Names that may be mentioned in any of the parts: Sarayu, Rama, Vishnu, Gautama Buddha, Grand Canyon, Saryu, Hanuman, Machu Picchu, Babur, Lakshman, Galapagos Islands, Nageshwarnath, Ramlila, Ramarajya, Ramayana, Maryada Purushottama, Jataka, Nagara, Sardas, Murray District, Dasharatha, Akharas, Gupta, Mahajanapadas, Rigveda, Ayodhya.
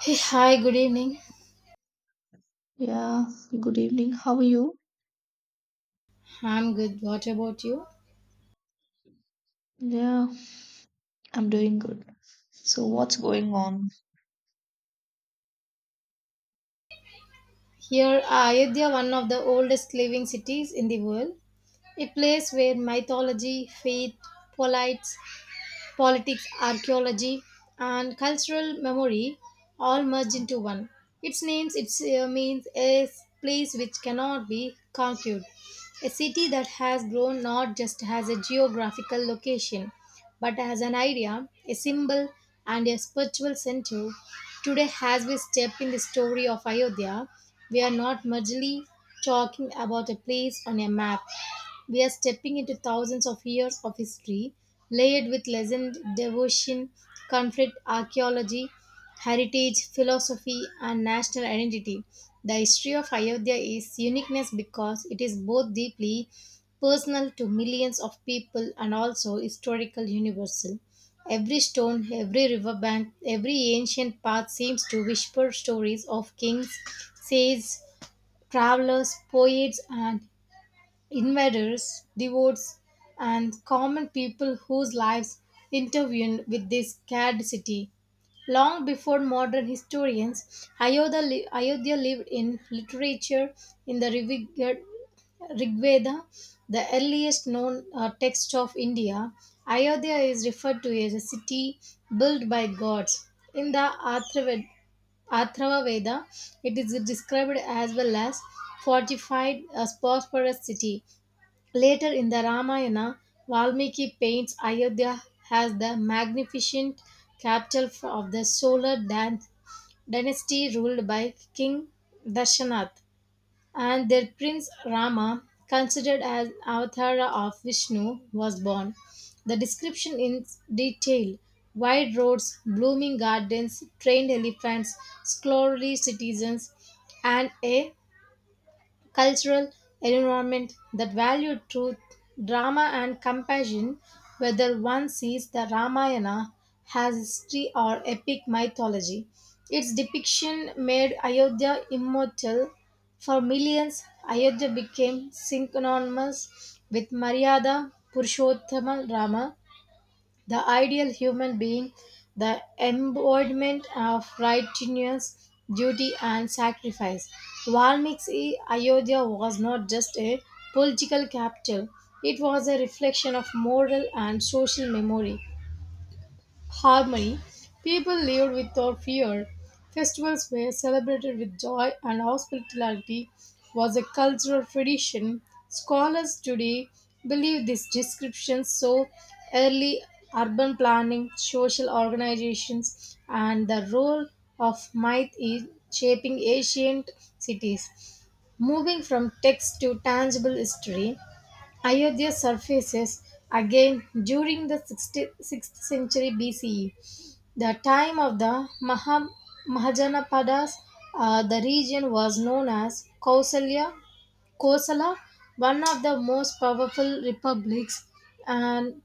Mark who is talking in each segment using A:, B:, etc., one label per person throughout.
A: Hey, hi, good evening.
B: Yeah, good evening. How are you?
A: I'm good. What about you?
B: Yeah, I'm doing good. So, what's going on?
A: Here, Ayodhya, one of the oldest living cities in the world, a place where mythology, faith, polites, politics, archaeology, and cultural memory all merge into one. Its names, means a place which cannot be conquered, a city that has grown not just as a geographical location but as an idea, a symbol, and a spiritual center. Today, as we step in the story of Ayodhya, we are not merely talking about a place on a map. We are stepping into thousands of years of history, layered with legend, devotion, conflict, archaeology, heritage, philosophy, and national identity. The history of Ayodhya is uniqueness because it is both deeply personal to millions of people and also historical universal. Every stone, every riverbank, every ancient path seems to whisper stories of kings, sages, travelers, poets, and invaders, devotees, and common people whose lives intervened with this scared city. Long before modern historians, Ayodhya lived in literature in the Rig, the earliest known text of India. Ayodhya is referred to as a city built by gods. In the Atharva Veda, it is described as well as fortified, a prosperous city. Later in the Ramayana, Valmiki paints Ayodhya as the magnificent capital of the Solar dynasty ruled by King Dashanath, and their prince Rama, considered as avatara of Vishnu, was born. The description in detail: wide roads, blooming gardens, trained elephants, scholarly citizens, and a cultural environment that valued truth, drama, and compassion, whether one sees the Ramayana as history or epic mythology. Its depiction made Ayodhya immortal. For millions, Ayodhya became synonymous with Maryada Purushottama Rama, the ideal human being, the embodiment of righteousness, duty, and sacrifice. Valmiki's Ayodhya was not just a political capital, it was a reflection of moral and social memory harmony. People lived without fear. Festivals were celebrated with joy, and hospitality was a cultural tradition. Scholars today believe this description so early urban planning, social organizations, and the role of myth in shaping ancient cities. Moving from text to tangible history, Ayodhya surfaces again during the 60 6th century BCE. The time of the Mahajanapadas, the region was known as Kosala, one of the most powerful republics and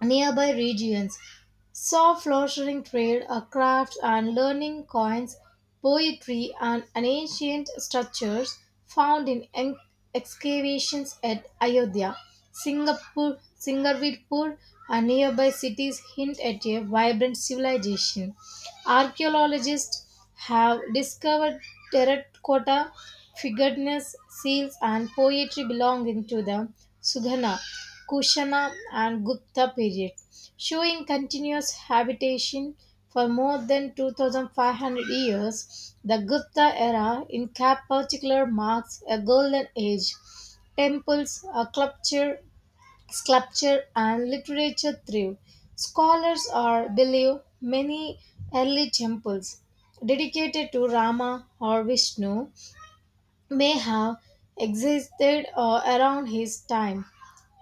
A: nearby regions saw flourishing trade, a craft and learning coins, poetry and an ancient structures found in excavations at Ayodhya, Singapore, Singarvirpur and nearby cities hint at a vibrant civilization. Archaeologists have discovered terracotta, figurines, seals, and poetry belonging to the Sughana, Kushana, and Gupta period, showing continuous habitation for more than 2500 years. The Gupta era, in cap particular, marks a golden age temples, a culture, sculpture and literature thrive. Scholars are believe many early temples dedicated to Rama or Vishnu may have existed around his time,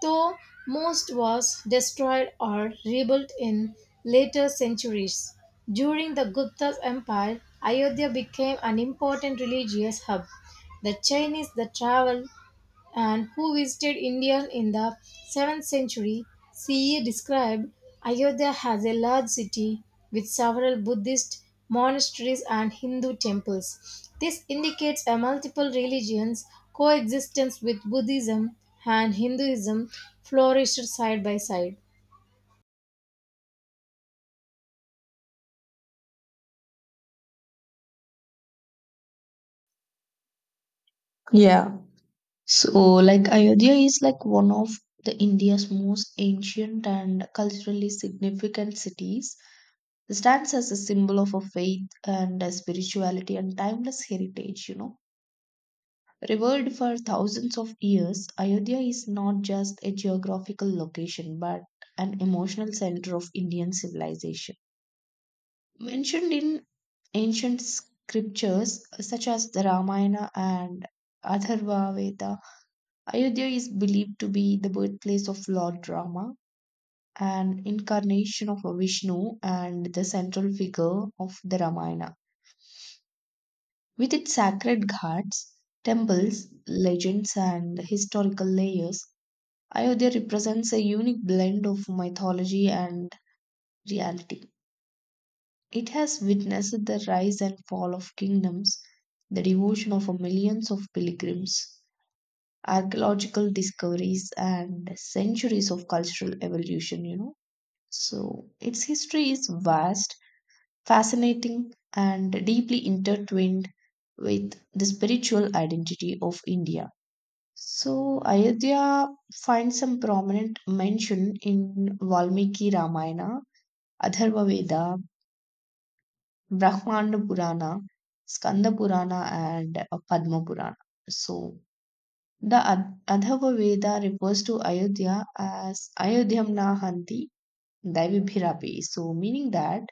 A: though most was destroyed or rebuilt in later centuries. During the Gupta Empire, Ayodhya became an important religious hub. The Chinese that traveled and who visited India in the 7th century CE described Ayodhya as a large city with several Buddhist monasteries and Hindu temples. This indicates a multiple religions coexistence with Buddhism and Hinduism flourished side by side.
B: Yeah, Ayodhya is like one of the India's most ancient and culturally significant cities. It stands as a symbol of a faith and a spirituality and timeless heritage, you know. Revered for thousands of years, Ayodhya is not just a geographical location but an emotional center of Indian civilization. Mentioned in ancient scriptures such as the Ramayana and Atharva Veda, Ayodhya is believed to be the birthplace of Lord Rama, an incarnation of Vishnu and the central figure of the Ramayana. With its sacred ghats, temples, legends, and historical layers, Ayodhya represents a unique blend of mythology and reality. It has witnessed the rise and fall of kingdoms, the devotion of millions of pilgrims, archaeological discoveries, and centuries of cultural evolution, you know. So, its history is vast, fascinating, and deeply intertwined with the spiritual identity of India. So, Ayodhya finds some prominent mention in Valmiki Ramayana, Atharva Veda, Brahmanda Purana, Skanda Purana, and Padma Purana. So, the Adharva Veda refers to Ayodhya as Ayodhyam Nahanti Daivibhirapi. So, meaning that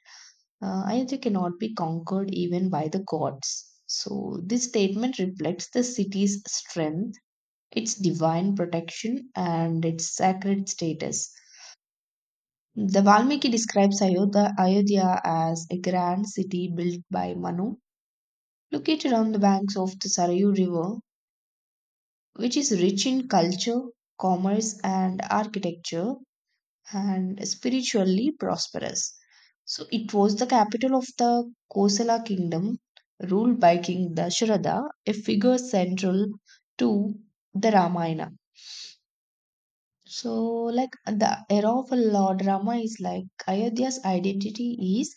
B: Ayodhya cannot be conquered even by the gods. So, this statement reflects the city's strength, its divine protection, and its sacred status. The Valmiki describes Ayodhya as a grand city built by Manu, located on the banks of the Sarayu River, which is rich in culture, commerce, and architecture, and spiritually prosperous. So, it was the capital of the Kosala kingdom, ruled by King Dasharatha, a figure central to the Ramayana. So, like the era of Lord Rama is like Ayodhya's identity is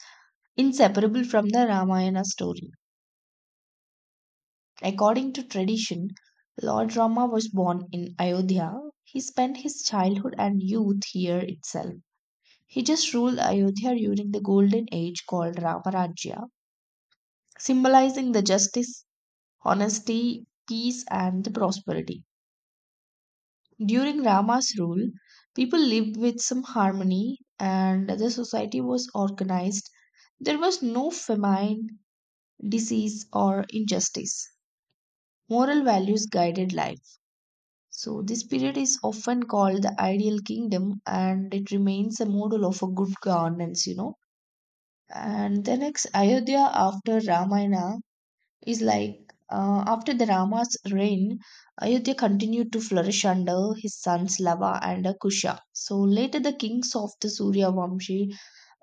B: inseparable from the Ramayana story. According to tradition, Lord Rama was born in Ayodhya. He spent his childhood and youth here itself. He just ruled Ayodhya during the golden age called Ramarajya, symbolizing the justice, honesty, peace, and the prosperity. During Rama's rule, people lived with some harmony and the society was organized. There was no famine, disease, or injustice. Moral values guided life. So, this period is often called the ideal kingdom and it remains a model of a good governance, you know. And the next Ayodhya after Ramayana is like after the Rama's reign, Ayodhya continued to flourish under his sons Lava and Kusha. So, later the kings of the Suryavamshi,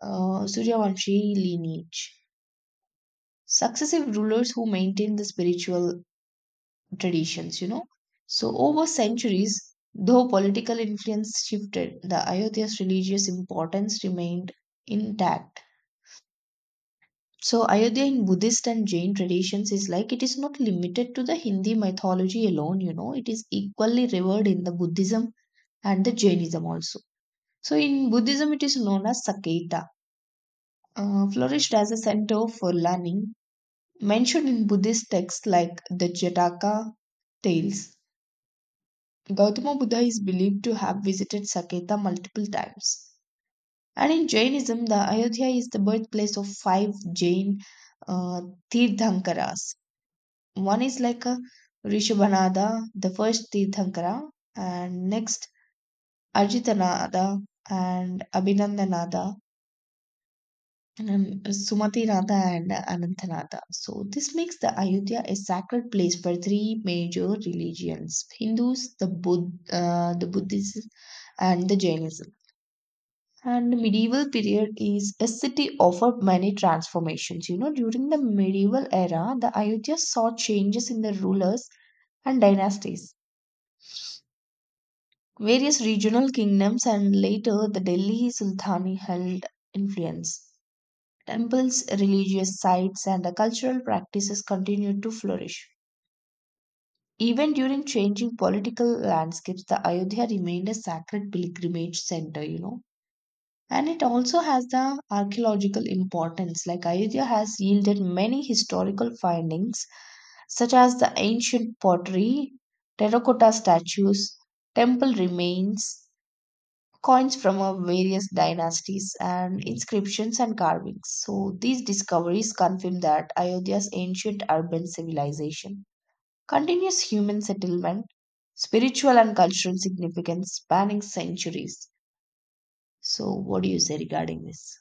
B: Suryavamshi lineage. Successive rulers who maintained the spiritual traditions, you know. So, over centuries, though political influence shifted, the Ayodhya's religious importance remained intact. So, Ayodhya in Buddhist and Jain traditions is like it is not limited to the Hindi mythology alone, you know, it is equally revered in the Buddhism and the Jainism also. So, in Buddhism, it is known as Saketa, flourished as a center for learning, mentioned in Buddhist texts like the Jataka tales. Gautama Buddha is believed to have visited Saketa multiple times. And in Jainism, the Ayodhya is the birthplace of five Jain uh, Tirthankaras. One is like a Rishabhanada, the first Tirthankara, and next Arjitanada and Abhinandanada, and then Sumatinada and Anantanada. So this makes the Ayodhya a sacred place for three major religions: Hindus, the Buddhists, and the Jainism. And medieval period is a city offered many transformations. You know, during the medieval era, the Ayodhya saw changes in the rulers and dynasties. Various regional kingdoms and later the Delhi Sultanate held influence. Temples, religious sites, and the cultural practices continued to flourish. Even during changing political landscapes, the Ayodhya remained a sacred pilgrimage center, you know. And it also has the archaeological importance. Like Ayodhya has yielded many historical findings such as the ancient pottery, terracotta statues, temple remains, coins from various dynasties, and inscriptions and carvings. So these discoveries confirm that Ayodhya's ancient urban civilization, continuous human settlement, spiritual and cultural significance spanning centuries. So what do you say regarding this?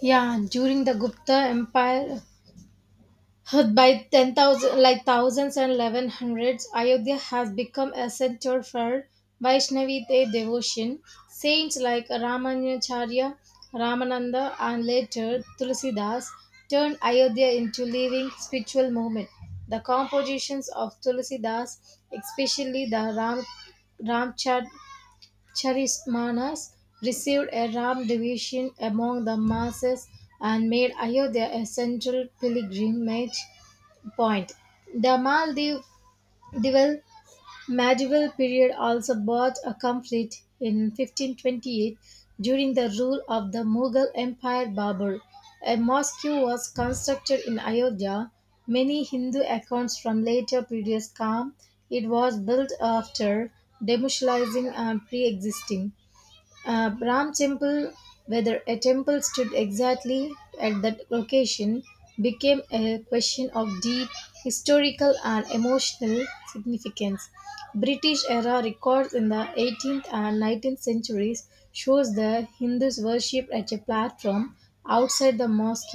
A: Yeah, during the Gupta Empire, by 10,000, like thousands and 1100s, Ayodhya has become a center for Vaishnavite devotion. Saints like Ramanacharya, Ramananda, and later Tulsidas turned Ayodhya into living spiritual movement. The compositions of Tulsidas, especially the Ramcharismanas, received a Ram devotion among the masses and made Ayodhya a central pilgrimage point. The Maldivian medieval period also brought a conflict in 1528 during the rule of the Mughal Empire Babur. A mosque was constructed in Ayodhya. Many Hindu accounts from later periods claim it was built after demolishing and pre-existing Brahm Temple, whether a temple stood exactly at that location, became a question of deep historical and emotional significance. British era records in the 18th and 19th centuries shows the Hindus worshipped at a platform outside the mosque,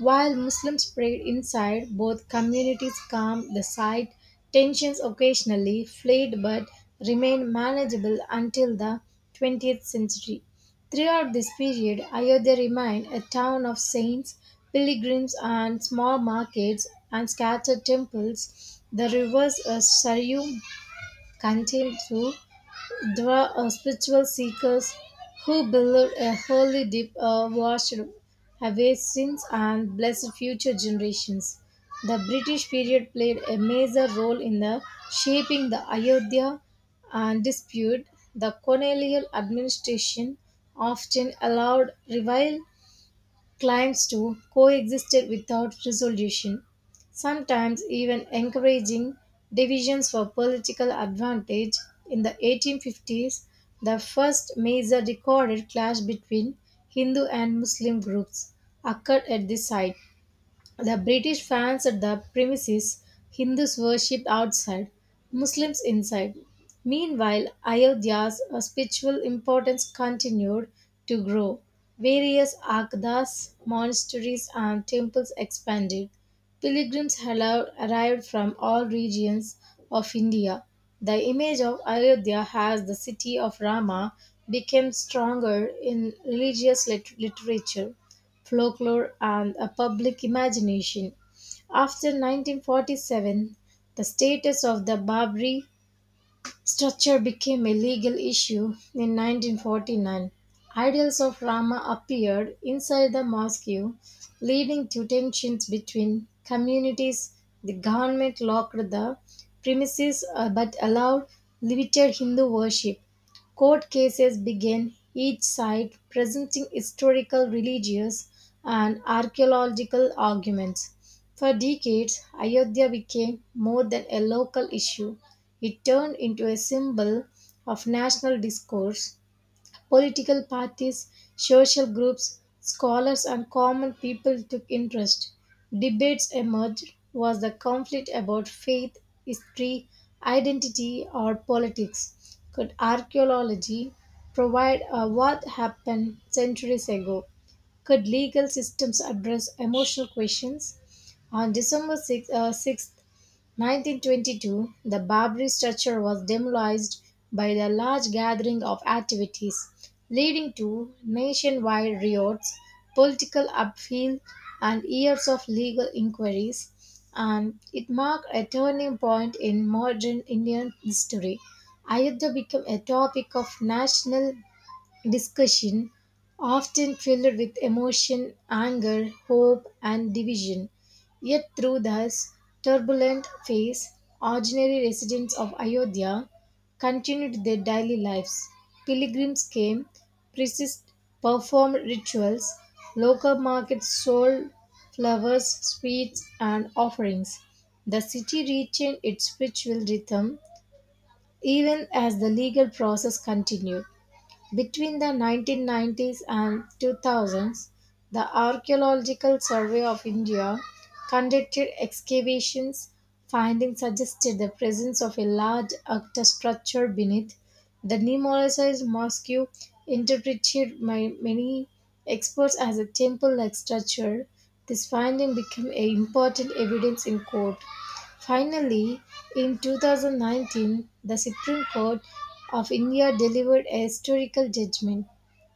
A: while Muslims prayed inside. Both communities calmed the site. Tensions occasionally flared but remained manageable until the 20th century. Throughout this period, Ayodhya remained a town of saints, pilgrims, and small markets and scattered temples. The rivers Saryu continued through there are spiritual seekers who believe a holy deep washed away sins and blessed future generations. The British period played a major role in the shaping the Ayodhya and dispute. The colonial administration often allowed revival claims to coexisted without resolution, sometimes even encouraging divisions for political advantage. In the 1850s, the first major recorded clash between Hindu and Muslim groups occurred at this site, the British fans at the premises, Hindus worshipped outside, Muslims inside. Meanwhile, Ayodhya's spiritual importance continued to grow. Various Akdas, monasteries, and temples expanded. Arrived from all regions of India. The image of Ayodhya as the city of Rama became stronger in religious literature, folklore, and a public imagination. After 1947, the status of the Babri structure became a legal issue in 1949. Ideals of Rama appeared inside the mosque, leading to tensions between communities. The government locked the premises but allowed limited Hindu worship. Court cases began, each side presenting historical, religious, and archaeological arguments. For decades, Ayodhya became more than a local issue. It turned into a symbol of national discourse. Political parties, social groups, scholars, and common people took interest. Debates emerged: was the conflict about faith, history, identity, or politics? Could archaeology provide a what happened centuries ago? Could legal systems address emotional questions? On December 6th, uh, 6 1922, the Babri structure was demolished by the large gathering of activities, leading to nationwide riots, political upheaval, and years of legal inquiries. And it marked a turning point in modern Indian history. Ayodhya became a topic of national discussion, often filled with emotion, anger, hope, and division. Yet, through this turbulent phase, ordinary residents of Ayodhya continued their daily lives. Pilgrims came, priests performed rituals, local markets sold flowers, sweets, and offerings. The city retained its spiritual rhythm even as the legal process continued. Between the 1990s and 2000s, the Archaeological Survey of India conducted excavations. Findings suggested the presence of a large octa structure beneath the Nemonicized mosque, interpreted by many experts as a temple like structure. This finding became a important evidence in court. Finally, in 2019, the Supreme Court of India delivered a historical judgment.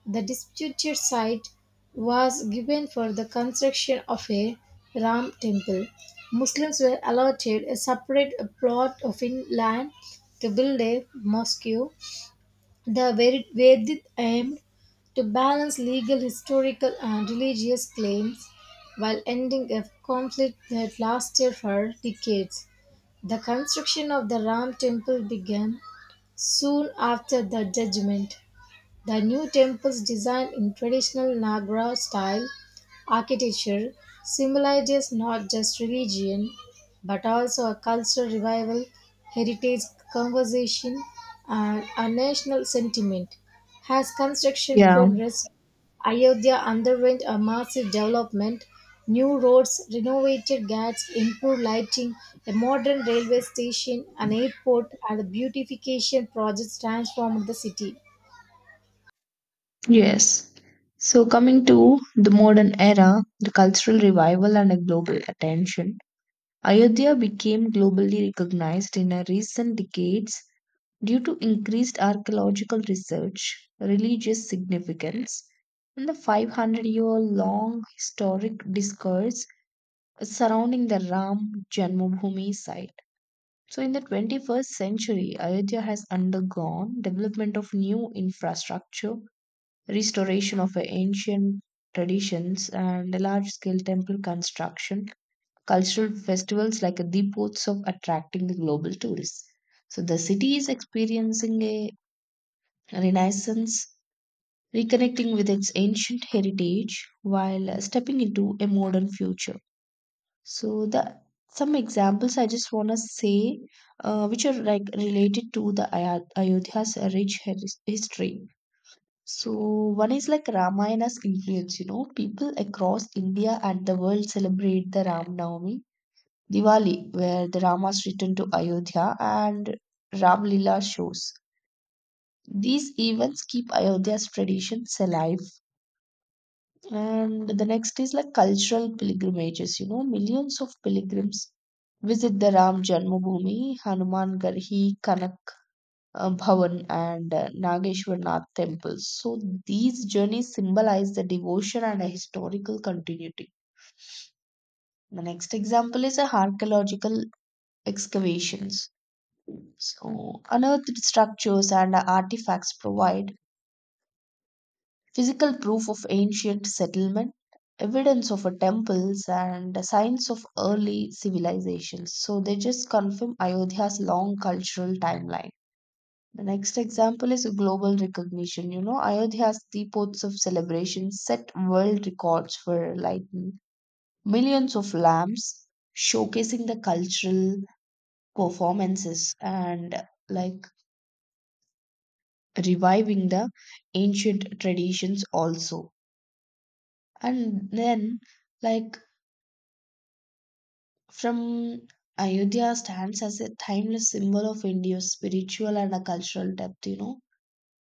A: The disputed site was given for the construction of a Ram temple. Muslims were allotted a separate plot of land to build a mosque. The Vedic aimed to balance legal, historical, and religious claims while ending a conflict that lasted for decades. The construction of the Ram temple began soon after the judgment. The new temples designed in traditional Nagara style architecture symbolizes not just religion but also a cultural revival, heritage conversation, and a national sentiment. As construction
B: Yeah,
A: progressed, Ayodhya underwent a massive development. New roads, renovated ghats, improved lighting, a modern railway station, an airport, and the beautification projects transformed the city.
B: yes. So, coming to the modern era, the cultural revival, and a global attention, Ayodhya became globally recognized in a recent decades due to increased archaeological research, religious significance, and the 500-year long historic discourse surrounding the Ram Janmabhoomi site. So, in the 21st century, Ayodhya has undergone development of new infrastructure, restoration of ancient traditions, and large scale temple construction, cultural festivals like the ports of attracting the global tourists. So the city is experiencing a renaissance, reconnecting with its ancient heritage while stepping into a modern future. So the some examples I just want to say, which are like related to the Ayodhya's rich history. So one is like Ramayana's influence, you know, people across India and the world celebrate the Ram Navami, Diwali, where the Ramas return to Ayodhya, and Ram Lila shows. These events keep Ayodhya's traditions alive. And the next is like cultural pilgrimages, you know, millions of pilgrims visit the Ram Janmabhoomi, Hanuman Garhi, Bhavan, and Nageshwarnath temples. So these journeys symbolize the devotion and a historical continuity. The next example is a archaeological excavations. So unearthed structures and artifacts provide physical proof of ancient settlement, evidence of a temples, and signs of early civilizations. So they just confirm Ayodhya's long cultural timeline. The next example is global recognition. You know, Ayodhya's Deepots of celebration set world records for lighting millions of lamps, showcasing the cultural performances and like reviving the ancient traditions also. And then, like, from Ayodhya stands as a timeless symbol of India's spiritual and a cultural depth, you know.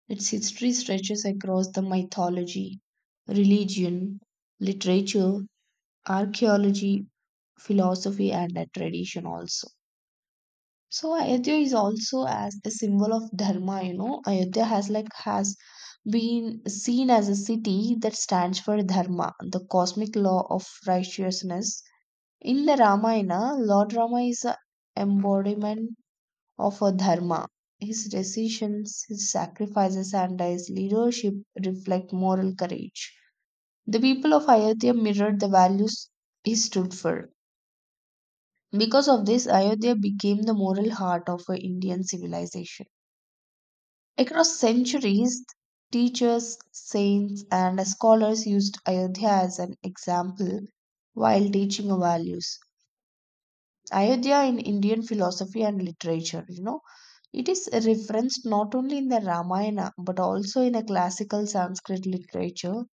B: Its history stretches across the mythology, religion, literature, archaeology, philosophy, and a tradition also. So Ayodhya is also as a symbol of dharma, you know. Ayodhya has been seen as a city that stands for dharma, the cosmic law of righteousness. In the Ramayana, Lord Rama is a embodiment of a dharma. His decisions, his sacrifices, and his leadership reflect moral courage. The people of Ayodhya mirrored the values he stood for. Because of this, Ayodhya became the moral heart of a Indian civilization. Across centuries, teachers, saints, and scholars used Ayodhya as an example while teaching values. Ayodhya in Indian philosophy and literature, you know, it is referenced not only in the Ramayana but also in a classical Sanskrit literature,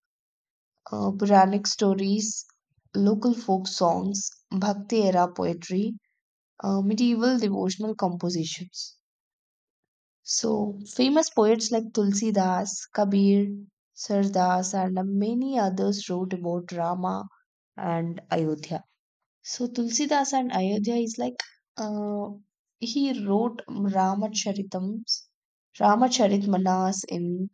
B: Puranic stories, local folk songs, Bhakti era poetry, medieval devotional compositions. So, famous poets like Tulsi Das, Kabir, Sardas, and many others wrote about Rama and Ayodhya. So Tulsidas and Ayodhya is like uh, he wrote Ramacharitams, Ramacharitmanas in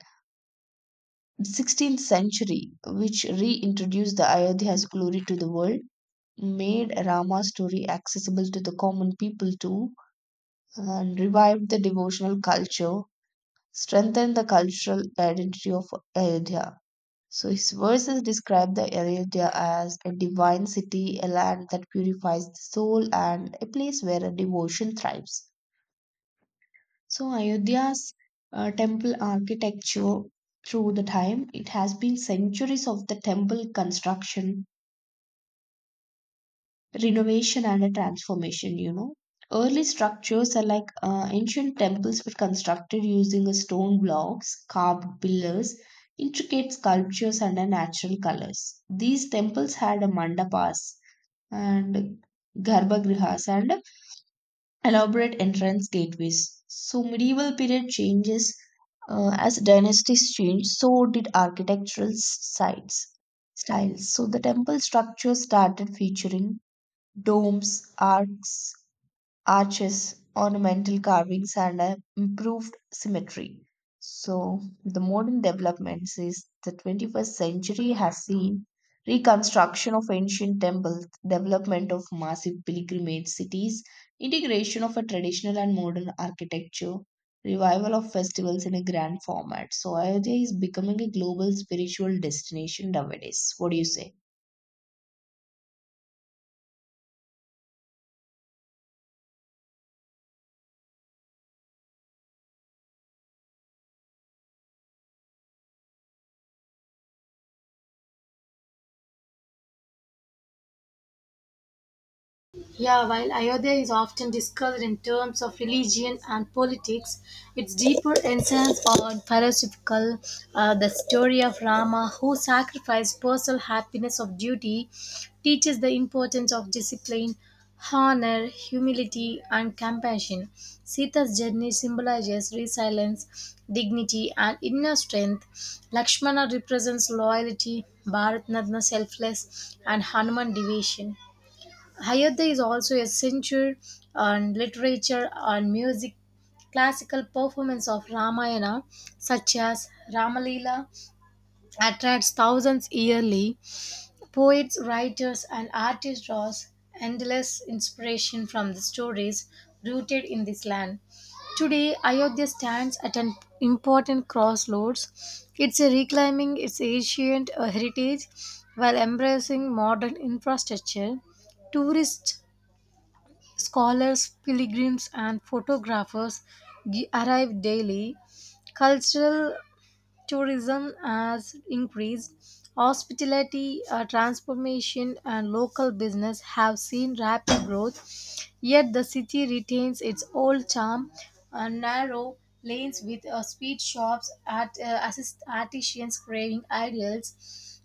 B: 16th century, which reintroduced the Ayodhya's glory to the world, made Rama's story accessible to the common people too, and revived the devotional culture, strengthened the cultural identity of Ayodhya. So his verses describe the Ayodhya as a divine city, a land that purifies the soul, and a place where a devotion thrives. So Ayodhya's temple architecture through the time, it has been centuries of the temple construction, renovation, and a transformation, you know. Early structures are like ancient temples were constructed using a stone blocks, carved pillars, intricate sculptures, and a natural colors. These temples had a mandapas and garbhagrihas and elaborate entrance gateways. So medieval period changes, as dynasties changed, so did architectural s- sites styles. So the temple structure started featuring domes, arcs, arches, ornamental carvings, and a improved symmetry. So, the modern developments is the 21st century has seen reconstruction of ancient temples, development of massive pilgrimage cities, integration of a traditional and modern architecture, revival of festivals in a grand format. So, Ayodhya is becoming a global spiritual destination nowadays. What do you say?
A: Yeah, while Ayodhya is often discussed in terms of religion and politics, its deeper essence or philosophical, the story of Rama who sacrificed personal happiness of duty, teaches the importance of discipline, honor, humility, and compassion. Sita's journey symbolizes resilience, dignity, and inner strength. Lakshmana represents loyalty, Bharatnatna selfless, and Hanuman devotion. Hayata is also a censure on literature and music. Classical performance of Ramayana, such as Ramalila, attracts thousands yearly. Poets, writers, and artists draw endless inspiration from the stories rooted in this land. Today, Ayodhya stands at an important crossroads. It's a reclaiming its ancient heritage while embracing modern infrastructure. Tourists, scholars, pilgrims, and arrive daily. Cultural tourism has increased, hospitality transformation, and local business have seen rapid growth. Yet the city retains its old charm, narrow lanes with speed shops, at assist artisans craving ideals,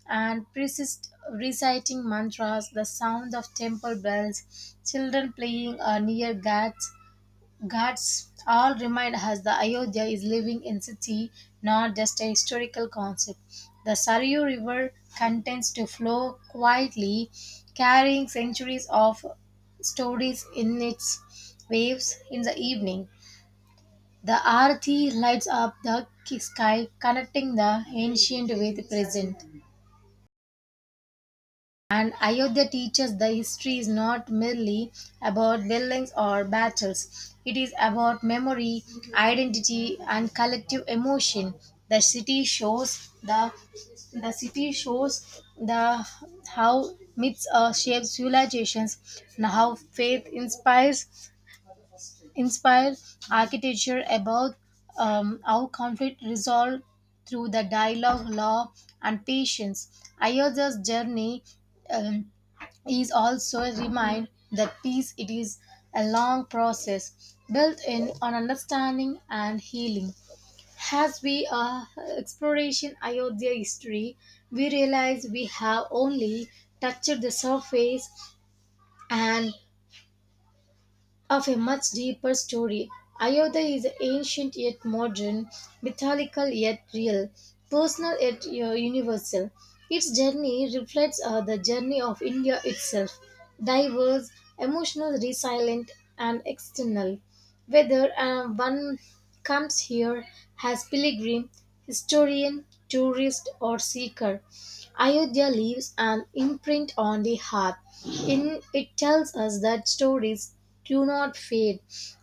A: and priests reciting mantras, the sound of temple bells, children playing near gates, Gods, all remind us that Ayodhya is living entity, not just a historical concept. The Saryu River continues to flow quietly, carrying centuries of stories in its waves in the evening. The Aarti lights up the sky, connecting the ancient with the present. And Ayodhya teaches the history is not merely about buildings or battles. It is about memory, identity, and collective emotion. The city shows the city shows the how myths shapes civilizations and how faith inspires inspire architecture about how conflict resolved through the dialogue, law, and patience. Ayodhya's journey um, is also a reminder that peace it is a long process built in on understanding and healing. As we exploration Ayodhya history, we realize we have only touched the surface and of a much deeper story. Ayodhya is ancient yet modern, mythological yet real, personal yet universal. Its journey reflects the journey of India itself, diverse, emotional, resilient, and external. Whether one comes here as pilgrim, historian, tourist, or seeker, Ayodhya leaves an imprint on the heart. In, it tells us that stories do not fade,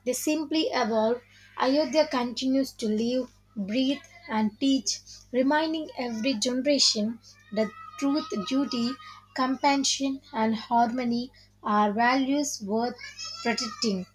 A: they simply evolve. Ayodhya continues to live, breathe, and teach, reminding every generation that truth, duty, compassion, and harmony are values worth protecting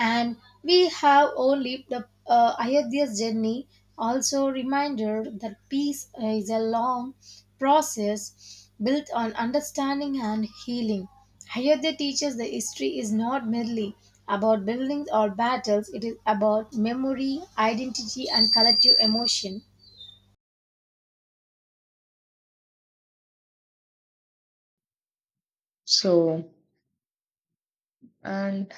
A: and we have only the Ayodhya's journey. Also, reminder that peace is a long process built on understanding and healing. Ayodhya teaches the history is not merely about buildings or battles, it is about memory, identity, and collective emotion.
B: So, and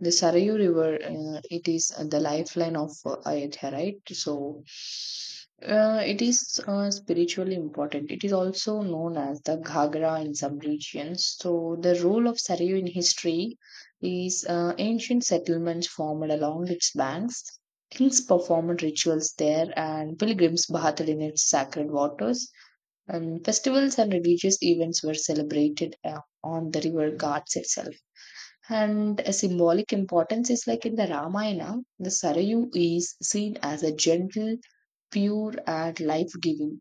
B: the Sarayu River, it is the lifeline of Ayodhya, right? So, it is spiritually important. It is also known as the Ghagra in some regions. So, the role of Sarayu in history is ancient settlements formed along its banks. Kings performed rituals there, and pilgrims bathed in its sacred waters. And festivals and religious events were celebrated on the river ghats itself. And a symbolic importance is like in the Ramayana, the Sarayu is seen as a gentle, pure, and life giving.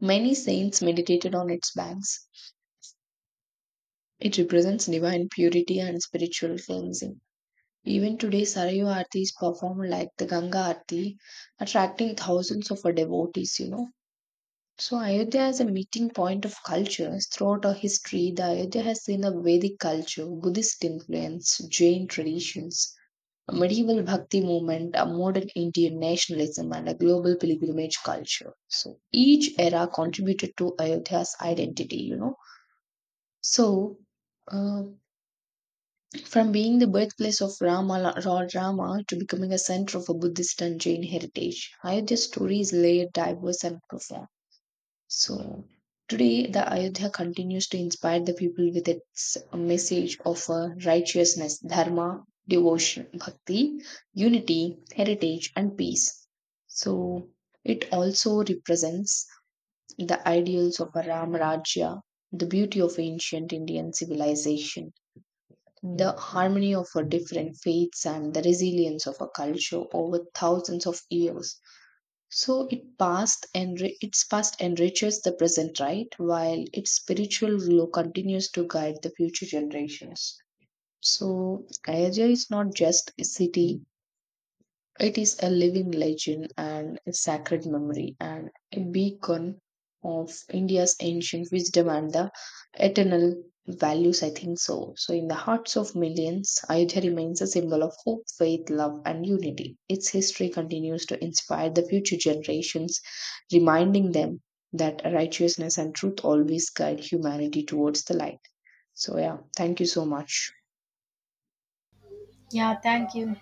B: Many saints meditated on its banks. It represents divine purity and spiritual cleansing. Even today, Sarayu Aarti is performed like the Ganga Aarti, attracting thousands of devotees, you know. So, Ayodhya is a meeting point of cultures. Throughout our history, the Ayodhya has seen a Vedic culture, Buddhist influence, Jain traditions, a medieval bhakti movement, a modern Indian nationalism, and a global pilgrimage culture. So each era contributed to Ayodhya's identity, you know. So uh, from being the birthplace of Rama, Lord Rama, to becoming a center of a Buddhist and Jain heritage, Ayodhya's story is layered, diverse, and profound. So today, the Ayodhya continues to inspire the people with its message of righteousness, dharma, devotion, bhakti, unity, heritage, and peace. So it also represents the ideals of a Ram Rajya, the beauty of ancient Indian civilization, the harmony of our different faiths, and the resilience of a culture over thousands of years. So its past enriches the present, right? While its spiritual glow continues to guide the future generations. So Ayodhya is not just a city; it is a living legend and a sacred memory and a beacon of India's ancient wisdom and the eternal values, I think so. So, in the hearts of millions, Ayodhya remains a symbol of hope, faith, love, and unity. Its history continues to inspire the future generations, reminding them that righteousness and truth always guide humanity towards the light. So, yeah, thank you so much.
A: Yeah, thank you.